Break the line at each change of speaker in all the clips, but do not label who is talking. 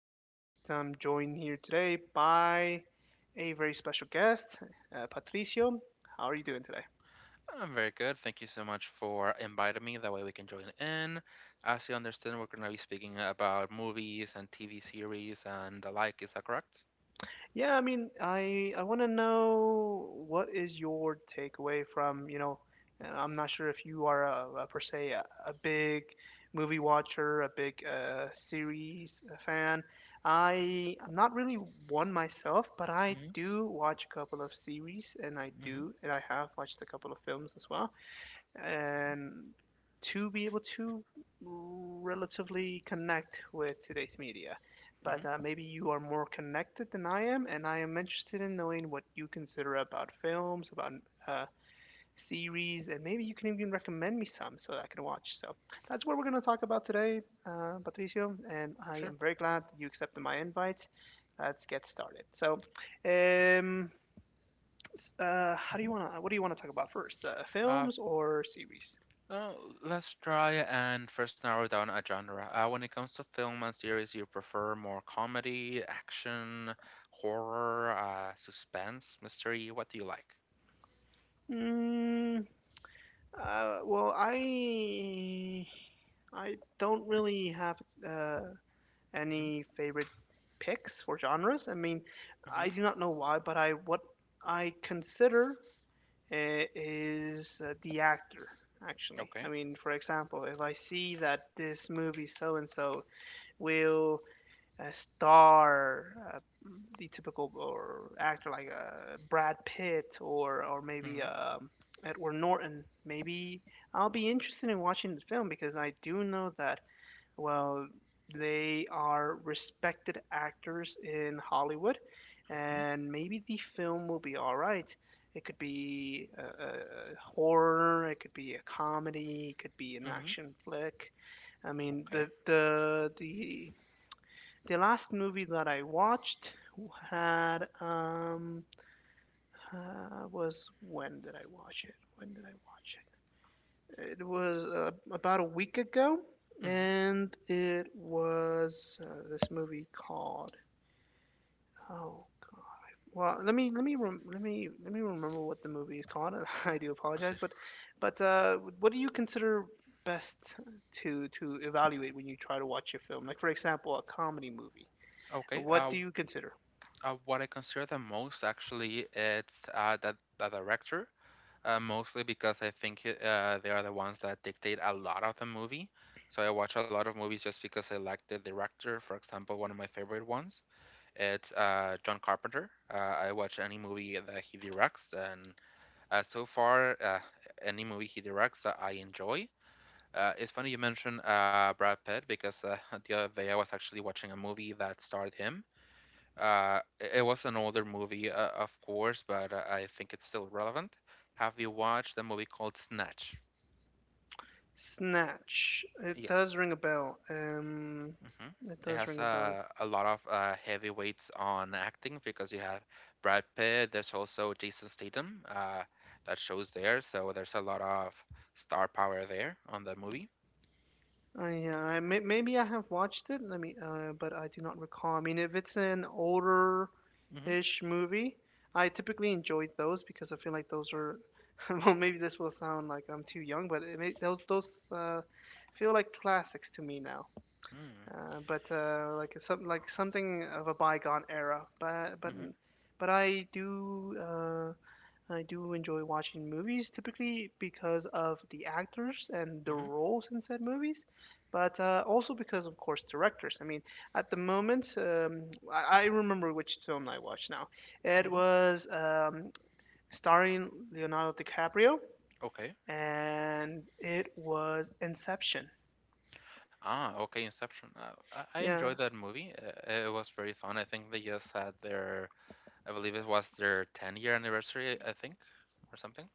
In this case, I'm joined here today by a very special guest, Patricio. How are you doing today?
I'm very good. Thank you so much for inviting me. That way we can join in. As you understand, we're going to be speaking about movies and TV series and the like. Is that correct?
Yeah, I mean, I want to know what is your takeaway from, I'm not sure if you are a per se a big movie watcher, a big series fan. I'm not really one myself, but I
Mm-hmm.
do watch a couple of series, and I
Mm-hmm.
do, and I have watched a couple of films as well and to be able to relatively connect with today's media.
Mm-hmm.
But maybe you are more connected than I am, and I am interested in knowing what you consider about films, about uh, series, and maybe you can even recommend me some so that I can watch. So that's what we're going to talk about today, Patricio, and I
Sure.
am very glad that you accepted my invite. Let's get started. So, um, how do
Mm-hmm.
you want to? What do you want to talk about first?
Uh,
Films or series?
so let's try and first narrow down a genre. When it comes to film and series, you prefer more comedy, action, horror, suspense, mystery. What do you like?
Mm, well, I don't really have uh, any favorite picks for genres. I mean,
Mm-hmm.
I
Mm-hmm.
do not know why, but I what I consider is the actor. Actually, I
Okay.
mean, for example, if I see that this movie so and so will star the typical or actor like Brad Pitt or maybe
Hmm.
Edward Norton, maybe I'll be interested in watching the film because I do know that well they are respected actors in Hollywood,
Mm-hmm.
and maybe the film will be all right. It could be a horror, it could be a comedy, it could be an
Mm-hmm.
action flick. I mean
Okay.
the last movie that I watched had was when did I watch it? When did I watch it? It was about a week ago,
Mm-hmm.
and it was this movie called oh god. Well, let me rem- let me remember what the movie is called. I do apologize, but but what do you consider best to evaluate when you try to watch a film? Like for example, a comedy movie.
Okay.
What do you consider?
What I consider the most actually, it's the director, mostly because I think they are the ones that dictate a lot of the movie. So I watch a lot of movies just because I like the director. For example, one of my favorite ones, it's John Carpenter. I watch any movie that he directs, and so far, any movie he directs, I enjoy. It's funny you mentioned Brad Pitt because the other day I was actually watching a movie that starred him. It was an older movie, of course, but I think it's still relevant. Have you watched a movie called Snatch?
Snatch. It
Yes.
does ring a bell.
Hmm.
It
It has
does ring a bell.
a lot of heavyweights on acting because you have Brad Pitt. There's also Jason Statham that shows there. So there's a lot of star power there on the movie.
Yeah, maybe I have watched it. But I do not recall. I mean, if it's an
Mm-hmm.
older-ish movie, I typically enjoy those because I feel like those are. Well, maybe this will sound like I'm too young, but those those feel like classics to me now.
Mm-hmm.
But like some like something of a bygone era. But I do. I do enjoy watching movies typically because of the actors and the
Mm-hmm.
roles in said movies, but also because, of course, directors. I mean, at the moment, I remember which film I watched now. It
Hmm.
was starring Leonardo DiCaprio,
Okay.
and it was Inception.
Ah, okay. Inception. I
Yeah,
enjoyed that movie. It was very fun. I think they just had their I believe it was their 10-year anniversary, I think, or something.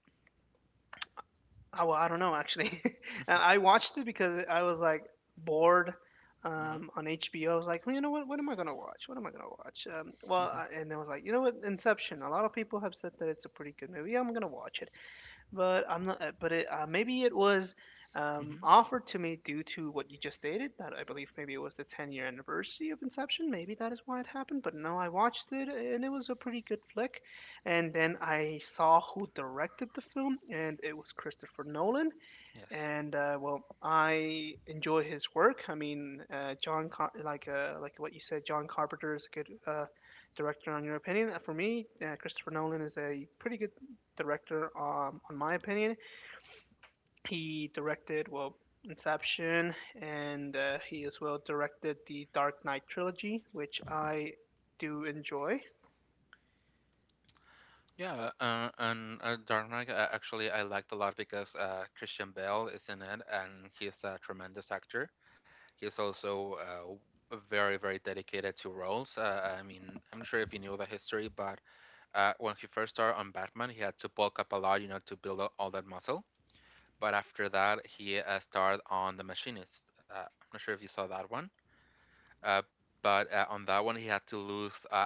well, I don't know actually.
Mm-hmm.
I watched it because I was like bored
Mm-hmm.
on HBO. I was like, well, you know what? What am I gonna watch? What am I gonna watch?
Mm-hmm.
And I was like, you know what? Inception. A lot of people have said that it's a pretty good movie. Yeah, I'm gonna watch it but I'm not. But it, maybe it was
Mm-hmm.
offered to me due to what you just stated. That I believe maybe it was the 10-year anniversary of Inception. Maybe that is why it happened. But no, I watched it and it was a pretty good flick. And then I saw who directed the film, and it was Christopher Nolan
Yes.
and well, I enjoy his work. I mean, John, Car- like what you said, John Carpenter is a good director, on your opinion. For me, Christopher Nolan is a pretty good director, on my opinion. He directed well Inception, and he as well directed the Dark Knight trilogy, which
Mm-hmm.
I do enjoy.
Yeah, and Dark Knight actually I liked a lot because Christian Bale is in it, and he's a tremendous actor. He's also very, very dedicated to roles. I mean, I'm sure if you knew the history, but when he first started on Batman, he had to bulk up a lot, you know, to build up all that muscle. But after that, he starred on The Machinist. I'm not sure if you saw that one. Uh, but on that one, he had to lose uh,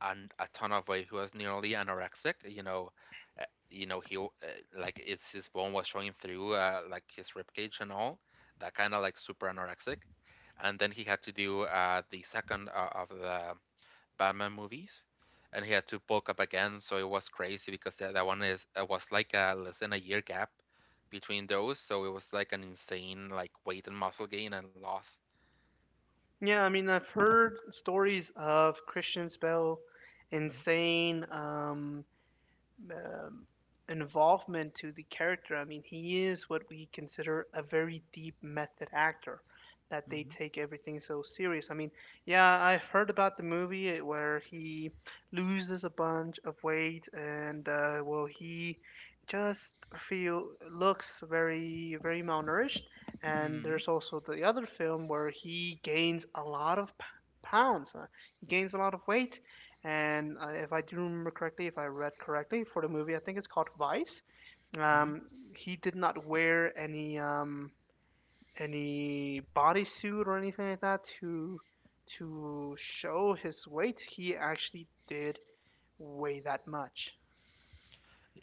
an, a ton of weight. He was nearly anorexic. Uh, you know like it's his bone was showing through, like his ribcage and all. That kind of like super anorexic. And then he had to do the second of the Batman movies, and he had to bulk up again. So it was crazy because that one is it was like a less than a year gap between those. So it was like an insane like weight and muscle gain and loss.
Yeah, I mean, I've heard stories of Christian Bale, insane. Um, involvement to the character. I mean, he is what we consider a very deep method actor, that they
Mm-hmm.
take everything so serious. I mean, yeah, I've heard about the movie where he loses a bunch of weight and well, he just feel looks very very malnourished. And
Mm-hmm.
there's also the other film where he gains a lot of pounds. He gains a lot of weight and if I do remember correctly, if I read correctly for the movie, I think it's called Vice. Um, he did not wear any bodysuit or anything like that to show his weight. He actually did weigh that much.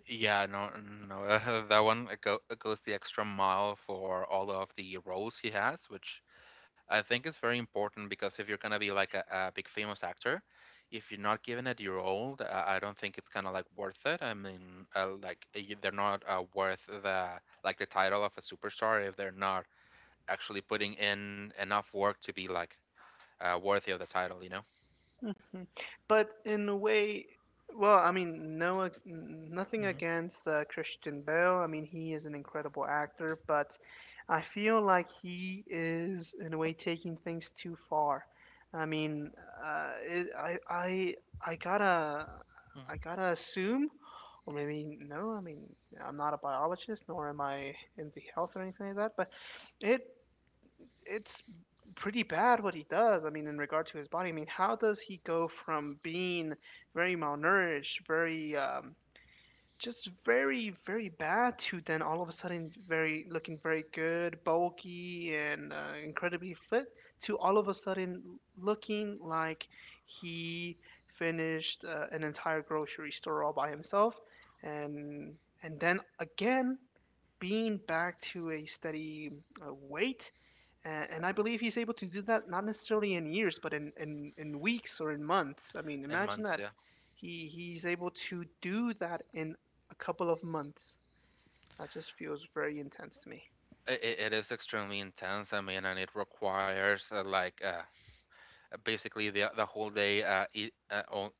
Yeah, no, no, that one it goes the extra mile for all of the roles he has, which I think is very important because if you're gonna be like a big famous actor, if you're not given it your role, I don't think it's kind of like worth it. I mean, like they're not worth the like the title of a superstar if they're not actually putting in enough work to be like worthy of the title, you know?
Mhm. But in a way, well, I mean, no, nothing
Hmm.
against Christian Bale. I mean, he is an incredible actor, but I feel like he is, in a way, taking things too far. I mean, it, I gotta,
Hmm.
I gotta assume, or maybe no. I mean, I'm not a biologist, nor am I into health or anything like that. But it it's pretty bad what he does. I mean, in regard to his body, I mean, how does he go from being very malnourished, very just very very bad to then all of a sudden very looking very good, bulky and incredibly fit to all of a sudden looking like he finished an entire grocery store all by himself and and then again being back to a steady weight And I believe he's able to do that not necessarily in years, but in weeks or in months. I mean,
In
imagine
months,
that
yeah.
he's able to do that in a couple of months. That just feels very intense to me.
It is extremely intense. I mean, and it requires basically the whole day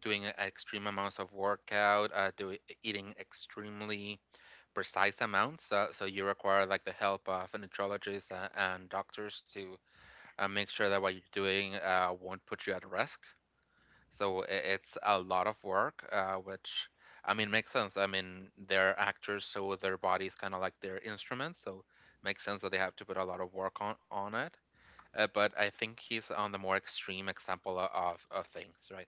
doing extreme amounts of workout, doing eating extremely precise amounts. So you require like the help of nutritionists and doctors to make sure that what you're doing won't put you at risk. So it's a lot of work, which I mean makes sense. I mean they're actors, so their bodies kind of like their instruments, so makes sense that they have to put a lot of work on it. But I think he's on the more extreme example of things, right?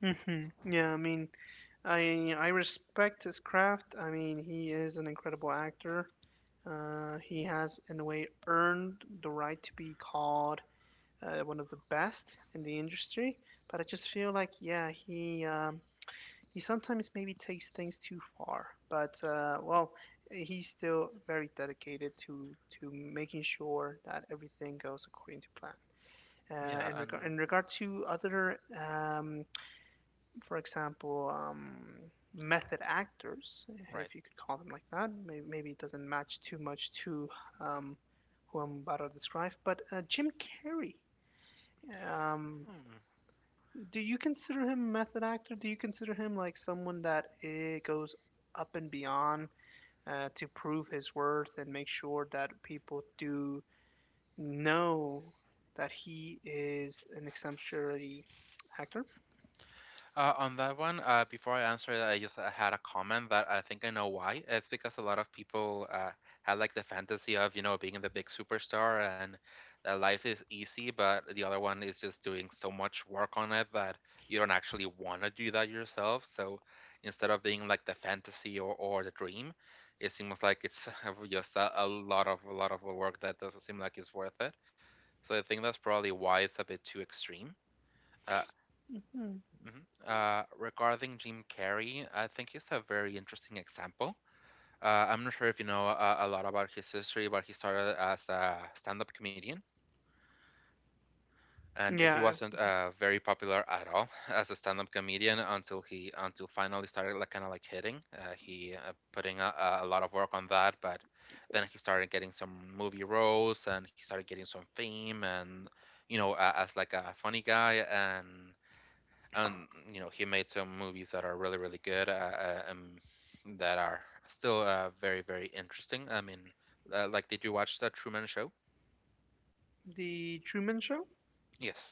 hmm Yeah, I mean, I respect his craft. I mean, he is an incredible actor. He has, in a way, earned the right to be called one of the best in the industry. But I just feel like, yeah, he sometimes maybe takes things too far, but well, he's still very dedicated to making sure that everything goes according to plan.
Yeah, and
In regard to for example, method actors,
right.
if you could call them like that, maybe, maybe it doesn't match too much to um, who I'm about to describe, but Jim Carrey. Um,
Hmm.
do you consider him a method actor? Do you consider him like someone that it goes up and beyond to prove his worth and make sure that people do know that he is an exemplary actor?
On that one, before I answer that, I just had a comment that I think I know why. It's because a lot of people had like the fantasy of, you know, being the big superstar and that life is easy, but the other one is just doing so much work on it that you don't actually want to do that yourself. So instead of being like the fantasy or the dream, it seems like it's just a lot of work that doesn't seem like it's worth it. So I think that's probably why it's a bit too extreme. Uh,
Hmm.
Mhm. Regarding Jim Carrey, I think he's a very interesting example. I'm not sure if you know a lot about his history, but he started as a stand-up comedian, and he
Yeah,
wasn't very popular at all as a stand-up comedian until finally started like kind of like hitting. He putting a lot of work on that, but then he started getting some movie roles and he started getting some fame and you know as like a funny guy and you know he made some movies that are really really good that are still very very interesting I mean like did you watch The Truman Show?
the Truman Show.
Yes.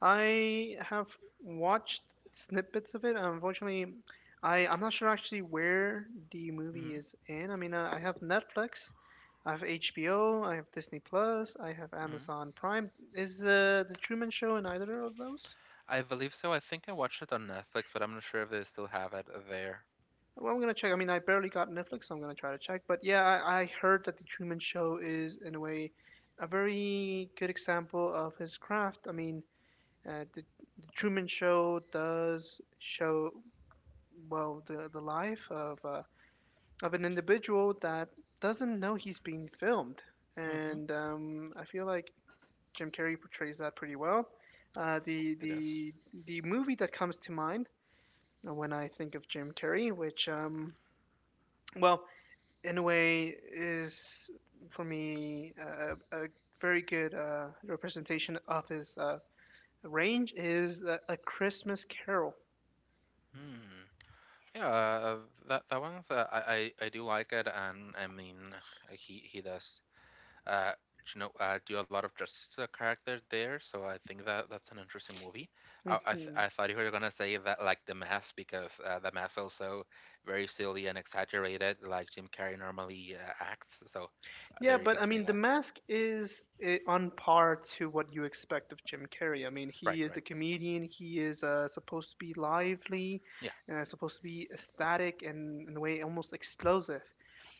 I have watched snippets of it. Unfortunately, I'm not sure actually where the movie
Hmm.
is in. I mean, I have Netflix, I have HBO, I have Disney Plus, I have
Hmm.
Amazon Prime. Is the Truman Show in either of those?
I believe so. I think I watched it on Netflix, but I'm not sure if they still have it there.
Well, I'm gonna check. I mean, I barely got Netflix, so I'm gonna try to check. But yeah, I heard that the Truman Show is in a way a very good example of his craft. I mean, uh, the, the Truman Show does show. Well the life of an individual that doesn't know he's being filmed,
Hmm,
and I feel like Jim Carrey portrays that pretty well. Uh, the
it does.
the the movie that comes to mind when I think of Jim Carrey, which well in a way is for me a very good representation of his range, is A Christmas Carol.
Hmm. Yeah, that that one's I do like it, and I mean he does uh, you know, do a lot of justice to the character there, so I think that that's an interesting movie. I thought you were gonna say that like The Mask because The Mask also very silly and exaggerated, like Jim Carrey normally acts. So
Yeah,
there you're
but I
gonna say
mean, The
that.
Mask is on par to what you expect of Jim Carrey. I mean,
Right,
he is a
right.
comedian. He is supposed to be lively,
Yeah.
supposed to be ecstatic, and in a way almost explosive.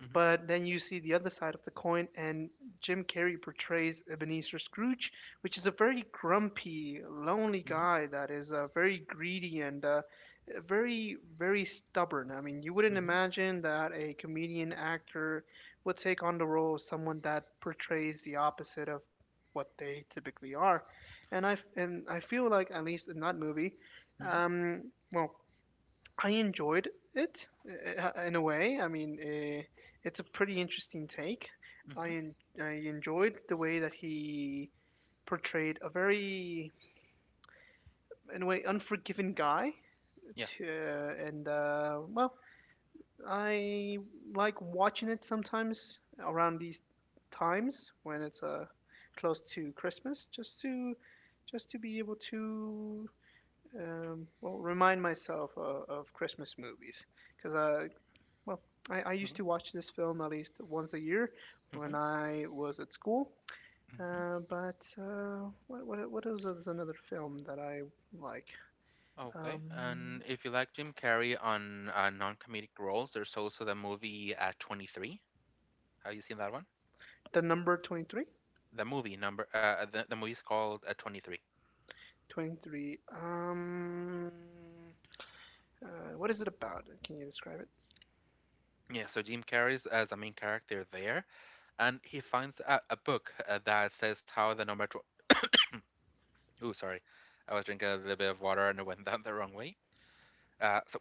Mhm.
But then you see the other side of the coin, and Jim Carrey portrays Ebenezer Scrooge, which is a very grumpy, lonely
Mhm.
guy that is very greedy and very, very stubborn. I mean, you wouldn't
Mhm.
imagine that a comedian actor would take on the role of someone that portrays the opposite of what they typically are. And I feel like, at least in that movie,
Mhm.
um, well, I enjoyed it in a way. I mean, it's a pretty interesting take. I
Mhm.
en- I enjoyed the way that he portrayed a very, in a way, unforgiving guy.
Yeah.
To, I like watching it sometimes around these times when it's close to Christmas, just to be able to remind myself of Christmas movies because uh, Well, I, I used
Mhm.
to watch this film at least once a year
Mhm.
when I was at school.
Mhm.
But what is, Another film that I like?
Okay.
Um,
And if you like Jim Carrey on non-comedic roles, there's also the movie 23. Have you seen that one?
the number 23?
The movie is called 23.
23. What is it about? Can you describe it?
Yeah, so Jim Carrey's as a main character there, and he finds a book that says how the number. Ooh, sorry, I was drinking a little bit of water and it went down the wrong way. So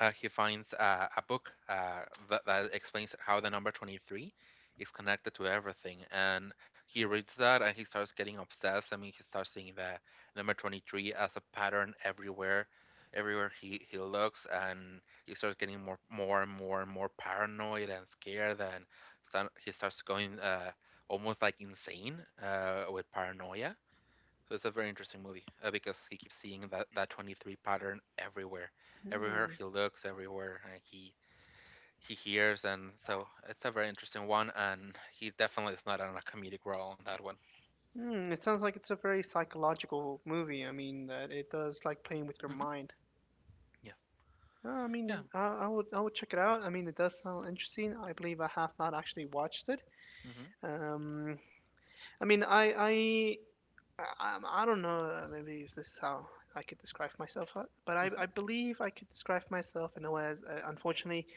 he finds a book that, that explains how the number 23 is connected to everything and he reads that and he starts getting obsessed. I mean, he starts seeing the number 23 as a pattern everywhere, everywhere he looks and he starts getting more and more and more paranoid and scared and he starts going almost like insane with paranoia. So it's a very interesting movie because he keeps seeing that 23 pattern everywhere. Everywhere
Hmm.
he looks, everywhere he hears, and so it's a very interesting one. And he definitely is not on a comedic role on that one.
Hmm. It sounds like it's a very psychological movie. I mean, that it does like playing with your
Hmm.
mind.
Yeah,
I
yeah.
mean, I would check it out. I mean, it does sound interesting. I believe I have not actually watched it.
Mm-hmm.
Um, I mean, I don't know. Maybe if this is how I could describe myself, but I,
Mm-hmm.
I believe I could describe myself in a way as, unfortunately,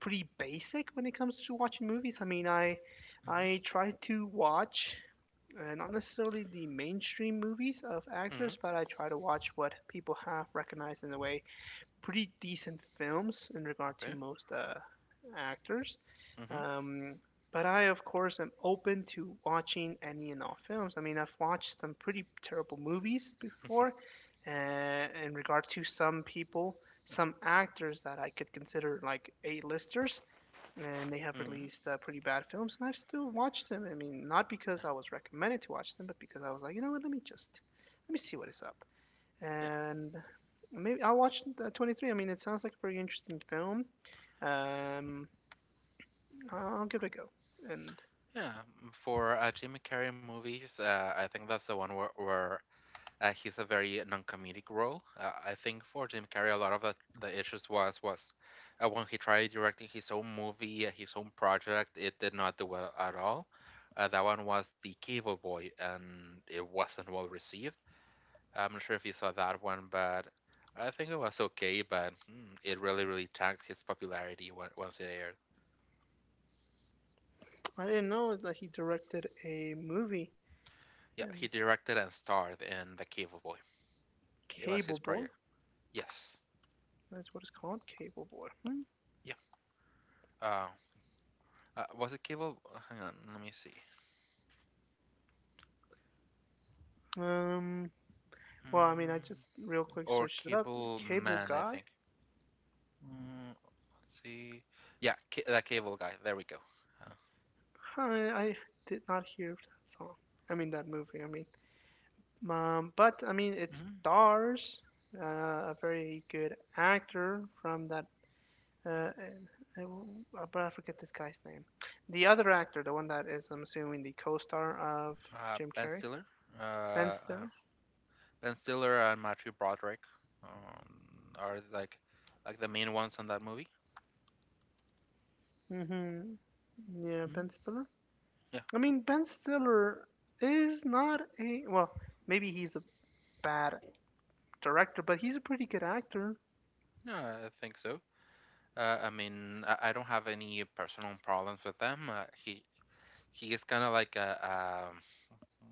pretty basic when it comes to watching movies. I mean, I try to watch. Not necessarily the mainstream movies of
Mm-hmm. Mm-hmm.
actors, but I try to watch what people have recognized in a way pretty decent films in regard to
Okay.
most actors.
Mm-hmm.
Um, but I, of course, am open to watching any and all films. I mean, I've watched some pretty terrible movies before, in regard to some people, some actors that I could consider like A-listers, and they have
Mm-hmm.
released pretty bad films, and I've still watched them. I mean, not because I was recommended to watch them, but because I was like, you know what, let me just, let me see what is up
Yeah,
and maybe I'll watch the 23. I mean, it sounds like a pretty interesting film. Um, I'll give it a go. And
yeah. For Jim Carrey movies, I think that's the one where uh, he's a very non-comedic role. I think for Jim Carrey, a lot of the issues was when he tried directing his own movie, his own project, it did not do well at all. That one was The Cable Boy, and it wasn't well received. I'm not sure if you saw that one, but I think it was okay. But mm, it really, really tanked his popularity once it aired.
I didn't know that he directed a movie,
Yeah, he
um,
directed and starred in The Cable Boy. It was
Cable
his
Boy.
project. Yes.
That's what it's called, Cable Boy. Hmm.
Yeah. Uh, was it Cable? Uh, hang on, let me see.
Um, I mean, I
Mm,
just real quick
or
searched it up.
Cable
Cable
Man, I
Guy.
think. Mm, let's see. Yeah, that Cable guy. There we go. Uh,
Huh, I did not hear of that song. I mean, that movie. I mean, but I mean, it
mhm.
stars a very good actor from that Uh, and- but I forget this guy's name. The other actor, the one that is, I'm assuming, the co-star of Jim
Ben
Carrey,
Stiller. Uh,
Ben
uh,
Stiller.
Ben Stiller and Matthew Broderick are like the main ones in that movie.
hmm Yeah,
Mm,
Ben Stiller.
yeah,
I mean, Ben Stiller is not a well. Maybe he's a bad director, but he's a pretty good actor.
yeah, I think so. I mean, I don't have any personal problems with them. He is kind of like a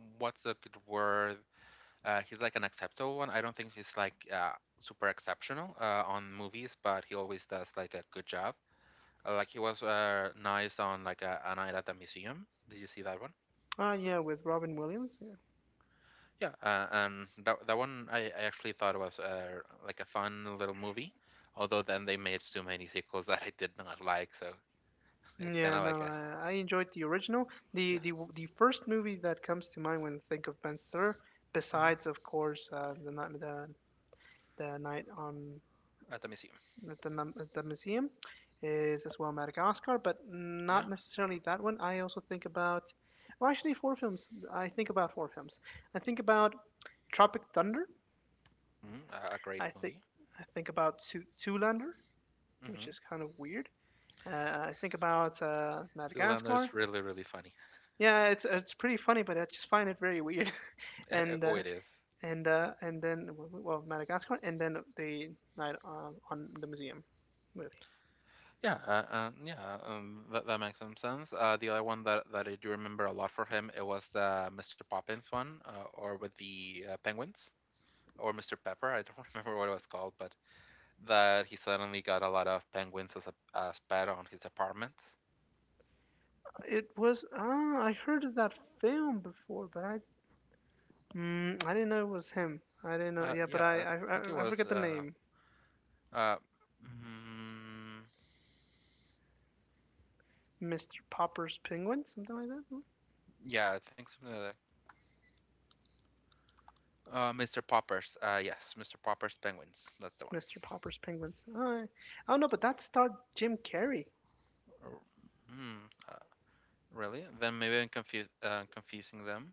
what's a good word? He's like an acceptable one. I don't think he's like super exceptional on movies, but he always does like a good job. Like he was nice on like a night at the museum. Did you see that one?
Ah, yeah, with Robin Williams. Yeah,
Yeah, and that that one I actually thought was like a fun little movie. Although then they made too many sequels that I did not like, so it's kind
yeah.
of like
No,
a
I enjoyed the original. The
yeah.
first movie that comes to mind when I think of Ben Stiller,
Hmm.
besides, of course, the night on
At the museum.
the, the museum is as well Madagascar, but
Yeah,
not necessarily that one. I also think about, well, actually, four films. I think about four films. I think about Tropic Thunder.
a great
I think
movie.
I think about Zoolander, which is
Mm-hmm.
kind of weird. Uh, I think about
Still, and
Madagascar.
there's really really funny.
Yeah, it's pretty funny, but I just find it very weird. And
Oh, it
uh,
is.
and then Madagascar, and then the night on the museum movie.
Yeah, that makes some sense. The other one that I do remember a lot for him, it was the Mr. Poppins one, or with the penguins, or Mr. Pepper. I don't remember what it was called, but that he suddenly got a lot of penguins as a as pet on his apartment.
It was ah, I heard of that film before, but I I didn't know it was him. I didn't know. Yeah, but
Yeah,
I
I
I,
think it
I I
was.
forget the name.
Uh, mm,
Mr. Popper's Penguins, something like that. Hmm?
yeah, I think something like that. Mr. Poppers. Yes, Mr. Poppers penguins. That's the one.
Mr. Popper's Penguins. I don't know, but that starred Jim Carrey.
Or- Hmm. Uh, Really? Then maybe I'm confused. Confusing them.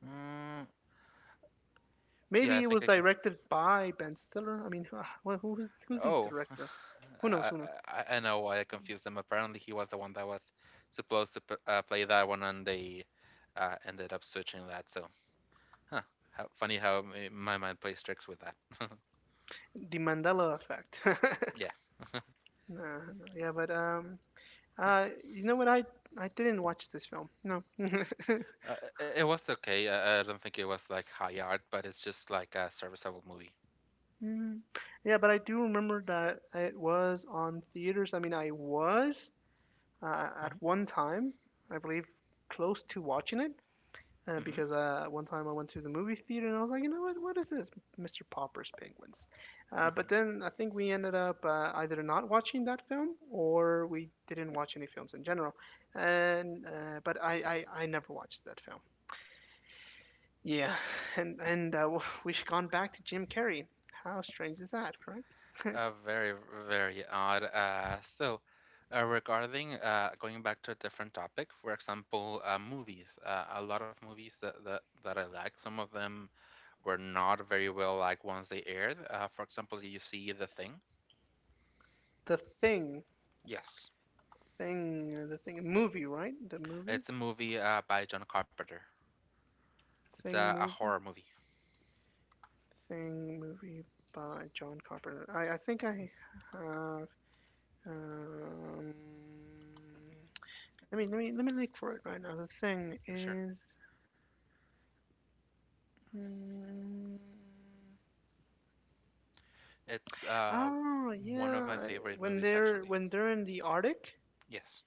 Mm, yeah, I
Maybe it
think
was
I conf-
directed by Ben Stiller. I mean, who- who's who's the
Oh,
director? Who knows?
I,
Who knows?
I know why I confused them. Apparently, he was the one that was supposed to play that one, and they ended up switching that. So, huh? How funny how my mind plays tricks with that.
The Mandela Effect. nah,
Yeah,
no. yeah, but you know what? I didn't watch this film. No.
it was okay. I don't think it was like high art, but it's just like a serviceable movie.
Mm, yeah, but I do remember that it was on theaters. I mean, I was at
Mhm.
one time, I believe, close to watching it
Hmm.
because one time I went to the movie theater and I was like, you know what is this, Mr. Popper's Penguins? But
Hmm.
then I think we ended up either not watching that film or we didn't watch any films in general. And uh, but I, I never watched that film. Yeah, and we've gone back to Jim Carrey. How strange is that, correct?
Very, very odd. So, regarding going back to a different topic, for example, movies. A lot of movies that I like. Some of them were not very well like once they aired. For example, do you see The Thing?
The Thing,
Yes,
Thing, the Thing movie, right? The movie,
it's a movie by John Carpenter. It's
Thing
a horror
movie,
movie.
Thing movie by John Carpenter. I think I have. Um, Let me look for it right now. The Thing
Sure.
is. mm,
It's
Oh
one of my
yeah,
favorite
when
movies
they're
actually.
in the Arctic,
Yes.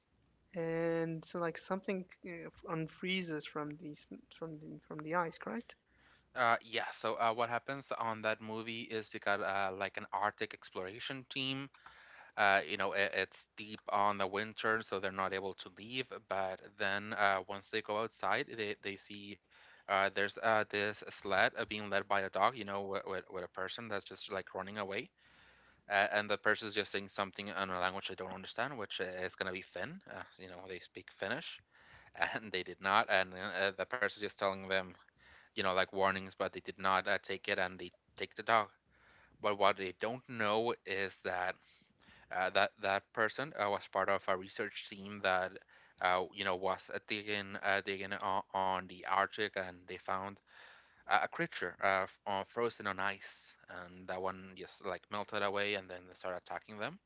and so like something unfreezes from the from the ice, correct?
Yeah, so what happens on that movie is you got like an Arctic exploration team. You know, it's deep on the winter, so they're not able to leave. But then once they go outside, they see there's this sled being led by a dog, you know, with a person that's just like running away. And the person's just saying something in a language I don't understand, which is going to be Finn. You know, they speak Finnish, and they did not. And the person's just telling them, you know, like warnings, but they did not take it, and they take the dog. But what they don't know is that that that person was part of a research team that you know was digging on the Arctic, and they found a creature frozen on ice, and that one just like melted away, and then they started attacking them.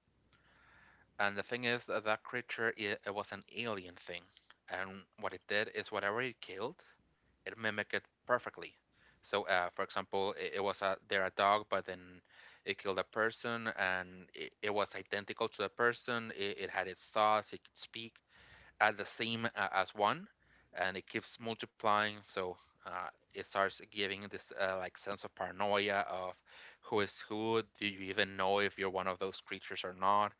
And the thing is that that creature it was an alien thing, and what it did is whatever it killed, it mimicked it perfectly. So, for example, it was a they're a dog, but then it killed a person, and it was identical to the person. It had its thoughts, it could speak at the same as one, and it keeps multiplying. So it starts giving this like sense of paranoia of who is who. Do you even know if you're one of those creatures or not?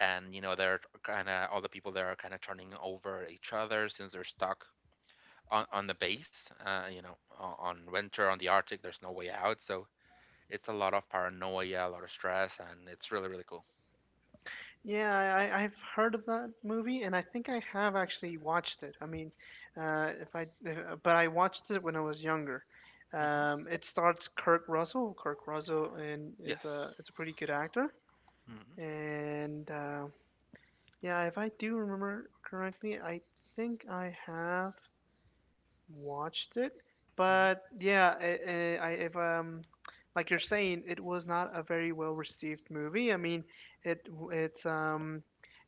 And you know they're kind of all the people there are kind of turning over each other since they're stuck on the base, you know, on winter on the Arctic, there's no way out. So it's a lot of paranoia, a lot of stress, and it's really really cool.
Yeah, I've heard of that movie, and I think I have actually watched it. I mean, if I, but I watched it when I was younger.
Hmm.
It starts Kirk Russell. Kirk Russell and
Yes.
is a pretty good actor.
Hmm.
And Yeah, if I do remember correctly, I think I have watched it,
Hmm.
but yeah, I- if like you're saying, it was not a very well received movie. I mean, it's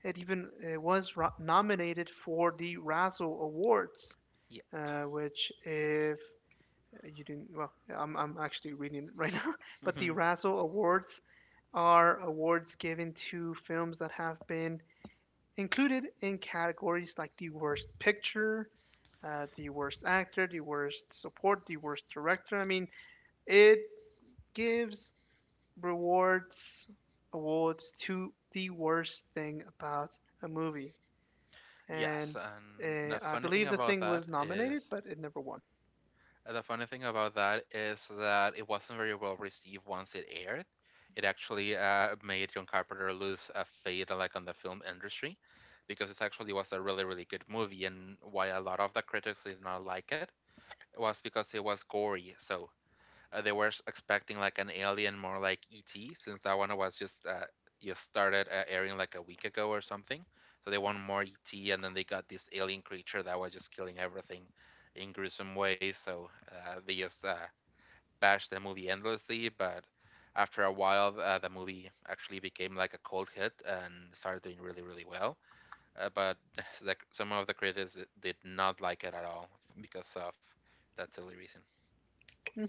it even it was nominated for the Razzle Awards,
Yeah.
which if you didn't, well, I'm actually reading it right now, but the
Mm-hmm.
Razzle Awards are awards given to films that have been included in categories like the worst picture, the worst actor, the worst support, the worst director. I mean, it gives rewards, awards to the worst thing about a movie.
yes
And
and the
I
funny thing
believe the
about
thing
that
was
is
nominated, but it never won.
the funny thing about that is that it wasn't very well received once it aired. It actually made John Carpenter lose a fade like on the film industry, because it actually was a really really good movie, and why a lot of the critics did not like it was because it was gory. So they were expecting like an alien more like ET, since that one was just started airing like a week ago or something. So they want more ET, and then they got this alien creature that was just killing everything in gruesome ways. So they just bashed the movie endlessly, but after a while, the movie actually became like a cold hit and started doing really, really well. But the, some of the critics did not like it at all because of that silly reason.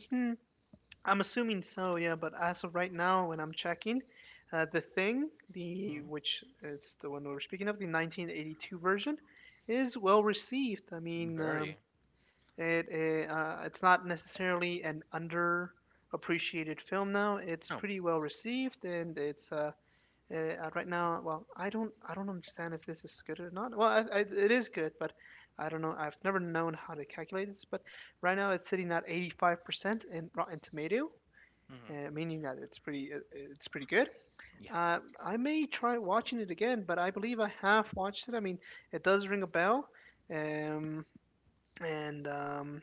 Hmm I'm assuming so, yeah, but as of right now, when I'm checking, the thing, the
Mhm.
which it's the one we're speaking of, the 1982 version, is well received. I mean,
Very.
it, it's not necessarily an underappreciated film now. It's
No.
pretty well received, and it's right now. Well, I don't understand if this is good or not. Well, it is good, but I don't know. I've never known how to calculate this, but right now it's sitting at 85% in Rotten Tomato
Mhm.
meaning that it's pretty good.
Yeah,
Uh, I may try watching it again, but I believe I have watched it. I mean, it does ring a bell, um, and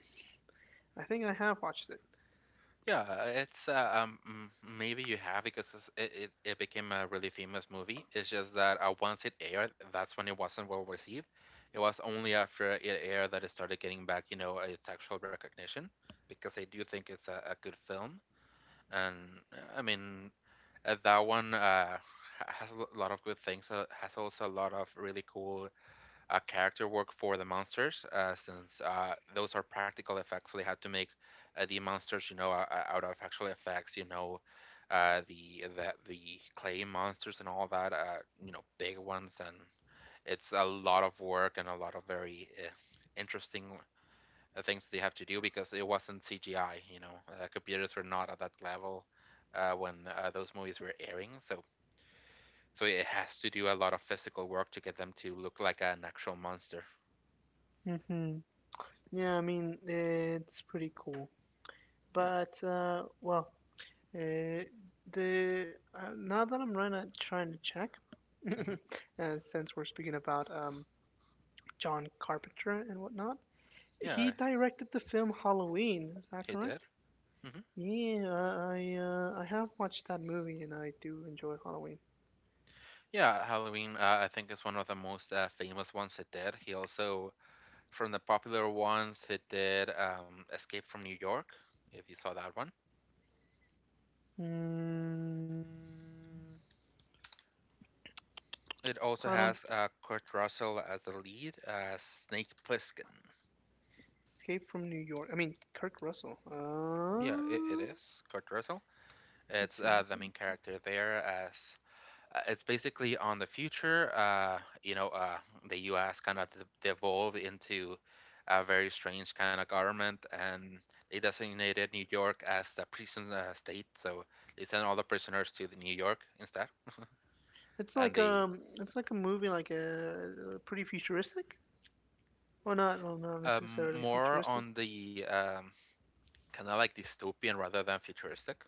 I think I have watched
yeah, maybe you have, because it it became a really famous movie. It's just that once it aired, that's when it wasn't well received. It was only after it aired that it started getting back, you know, its actual recognition, because I do think it's a good film. And I mean, that one has a lot of good things. Has also a lot of really cool character work for the monsters, since those are practical effects. So they had to make the monsters, you know, out of actual effects. You know, the clay monsters and all that. You know, big ones, and it's a lot of work and a lot of very interesting things they have to do because it wasn't CGI. You know, computers were not at that level when those movies were airing. So. So it has to do a lot of physical work to get them to look like an actual monster.
it. Hmm Yeah, I mean, it's pretty cool.
Yeah.
But well, uh, the Now that I'm right now trying to check,
Hmm.
since we're speaking about John Carpenter and whatnot,
Yeah,
he directed the film Halloween. Is that
he did.
correct?
Hmm.
Yeah, I have watched that movie and I do enjoy Halloween.
Yeah, Halloween, I think, is one of the most famous ones he did. He also, from the popular ones, he did Escape from New York, if you saw that one.
Mm,
It also
I don't
has Kurt Russell as the lead, Snake Plissken.
escape from New York. I mean Kirk Russell.
Yeah, it is Kurt Russell. It's
Let's see. Let's
the main
see.
character there as it's basically on the future. You know, the U.S. kind of devolved into a very strange kind of government, and they designated New York as the prison state. So they sent all the prisoners to the New York instead, and they
It's like a movie like a, pretty futuristic. Well, not necessarily
more
futuristic.
on the kind of like dystopian rather than futuristic.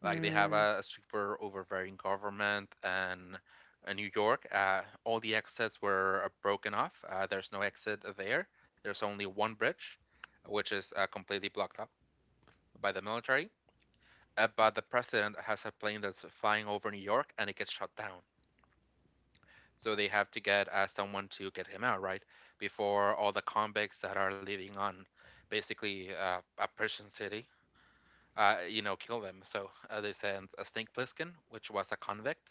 Like they have
Mm,
a super overbearing government, and in New York, all the exits were broken off. There's no exit there. There's only one bridge, which is completely blocked up by the military. But the president has a plane that's flying over New York, and it gets shot down. So they have to get someone to get him out, right? Before all the convicts that are living on basically a Persian city, you know, kill them. So they sent a Snake Plissken, which was a convict,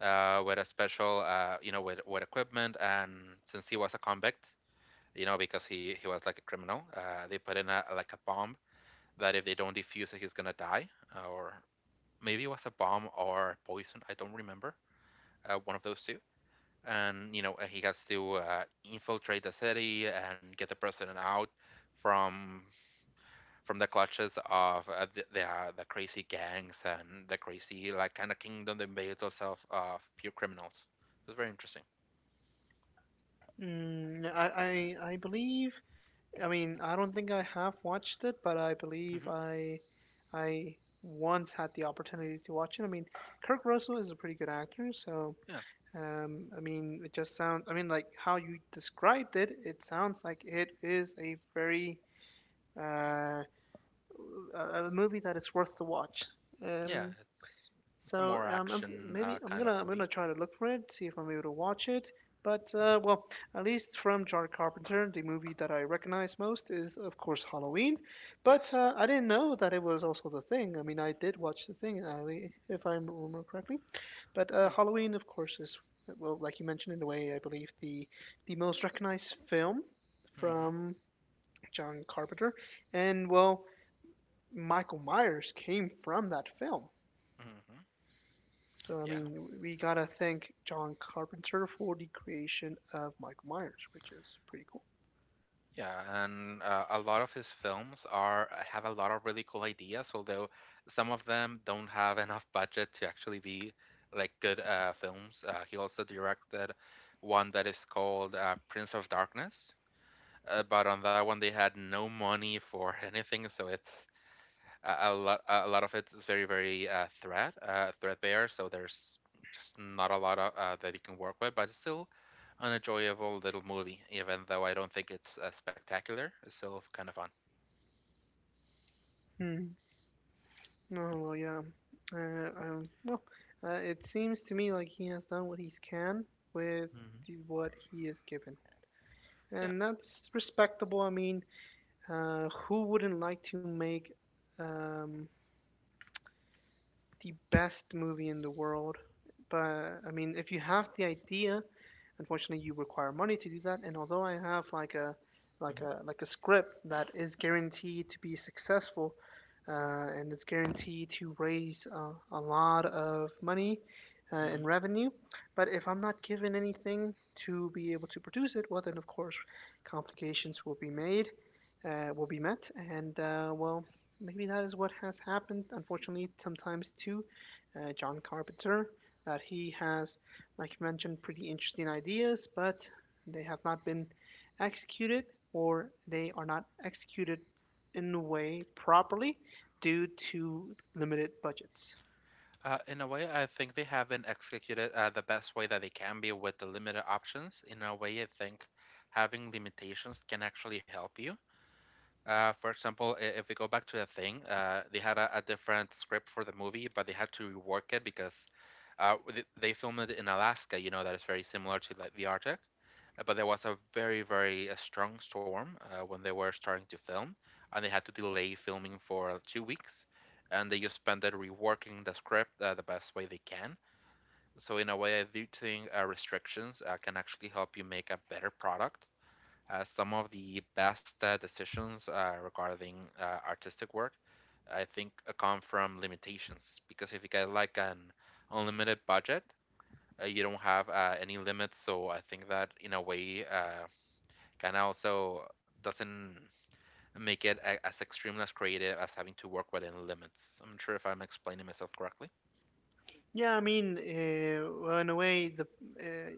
with a special, you know, with equipment. And since he was a convict, you know, because he was like a criminal, they put in a, like a bomb that if they don't defuse it, he's gonna die. Or maybe it was a bomb or poison. I don't remember. One of those two. And you know, he has to infiltrate the city and get the president out from from the clutches of the crazy gangs and the crazy like kind of kingdom that made itself of pure criminals. It was very interesting.
I believe I mean, I don't think I have watched it, but I believe
Mhm.
I once had the opportunity to watch it. I mean, Kirk Russell is a pretty good actor, so
Yeah,
I mean, it just sounds. I mean, like how you described it, it sounds like it is a very uh, a movie that is worth the watch.
yeah,
Um,
it's a
so
more
um, I'm,
action
Maybe
kind of
I'm gonna
movie.
try to look for it, see if I'm able to watch it. But
Yeah.
uh, well, at least from John Carpenter, the movie that I recognize most is of course Halloween. But
Yes.
I didn't know that it was also The Thing. I mean, I did watch The Thing, I if I remember correctly. But
Yeah.
Halloween, of course, is well, like you mentioned in a way, I believe the most recognized film
Hmm.
from John Carpenter, and well, Michael Myers came from that film.
Hmm.
So I
Yeah.
mean, we gotta thank John Carpenter for the creation of Michael Myers, which is pretty cool.
Yeah, and a lot of his films are have a lot of really cool ideas, although some of them don't have enough budget to actually be like good films. He also directed one that is called Prince of Darkness, but on that one they had no money for anything, so it's a, a lot of it is very very threadbare, so there's just not a lot of, that you can work with, but it's still an enjoyable little movie, even though I don't think it's spectacular, it's still kind of fun.
Hmm. No, well, yeah. I don't. It seems to me like he has done what he can with
Yeah.
what he is given,
Mm-hmm. Yeah.
and that's respectable. I mean, who wouldn't like to make um, the best movie in the world? But I mean, if you have the idea unfortunately you require money to do that and although I have like a
Mm-hmm.
like a script that is guaranteed to be successful and it's guaranteed to raise a lot of money in
Mm-hmm.
revenue but if I'm not given anything to be able to produce it well then of course complications will be made will be met and well maybe that is what has happened unfortunately sometimes to john carpenter that he has like you mentioned, pretty interesting ideas, but they have not been executed or they are not executed in a way properly due to limited budgets.
In a way I think they haven't executed the best way that they can be with the limited options. In a way I think having limitations can actually help you. For example, if we go back to the thing, they had a different script for the movie, but they had to rework it because they filmed it in Alaska. You know that is very similar to like the Arctic. But there was a very very strong storm when they were starting to film, and they had to delay filming for 2 weeks, and they just spent it reworking the script the best way they can. So in a way, I do think restrictions can actually help you make a better product. Some of the best decisions regarding artistic work, I think, come from limitations, because if you get like an unlimited budget, you don't have any limits. So I think that in a way kind of also doesn't make it as extremely as creative as having to work within limits. I'm not sure if I'm explaining myself correctly.
Yeah, I mean, well, in a way, the uh,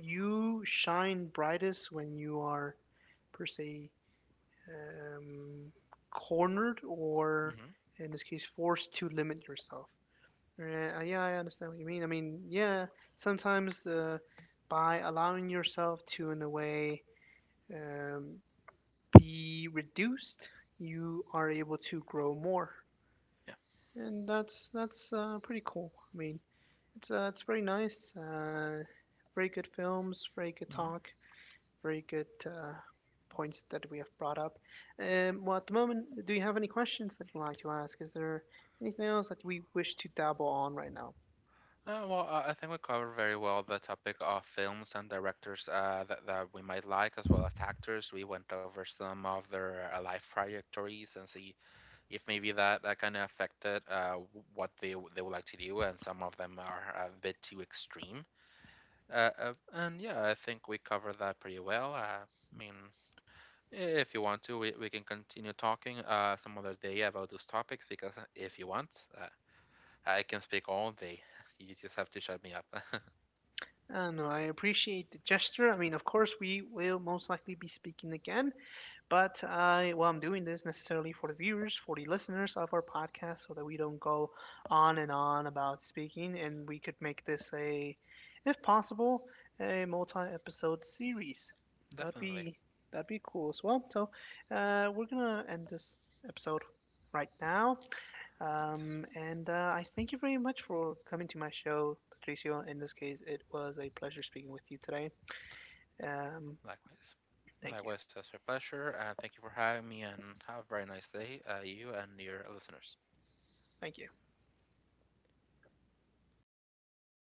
you shine brightest when you are per se um, cornered or
Hmm.
in this case forced to limit yourself Right, yeah, I understand what you mean. I mean, yeah, sometimes by allowing yourself to, in a way, um, be reduced, you are able to grow more,
Yeah.
and that's pretty cool. I mean, it's very nice. Very good films, very good
Hmm.
talk, very good points that we have brought up. Well, at the moment, do you have any questions that you'd like to ask? Is there anything else that we wish to dabble on right now?
Well, I think we covered very well the topic of films and directors that we might like, as well as actors. We went over some of their life trajectories and see if maybe that kind of affected what they, they would like to do, and some of them are a bit too extreme. And yeah, I think we covered that pretty well. I mean, if you want to, we can continue talking some other day about those topics, because if you want, uh, I can speak all day. You just have to shut me up.
No, I appreciate the gesture. I mean, of course, we will most likely be speaking again, but I, well, I'm doing this necessarily for the viewers, for the listeners of our podcast, so that we don't go on and on about speaking, and we could make this a, if possible, a multi-episode series. That'd
Definitely.
be That'd be cool as well. So, we're gonna end this episode right now. And I thank you very much for coming to my show, Patricio. In this case, it was a pleasure speaking with you today. Um,
Likewise.
thank you.
Likewise, it's a pleasure. Thank you for having me, and have a very nice day, you and your listeners.
Thank you.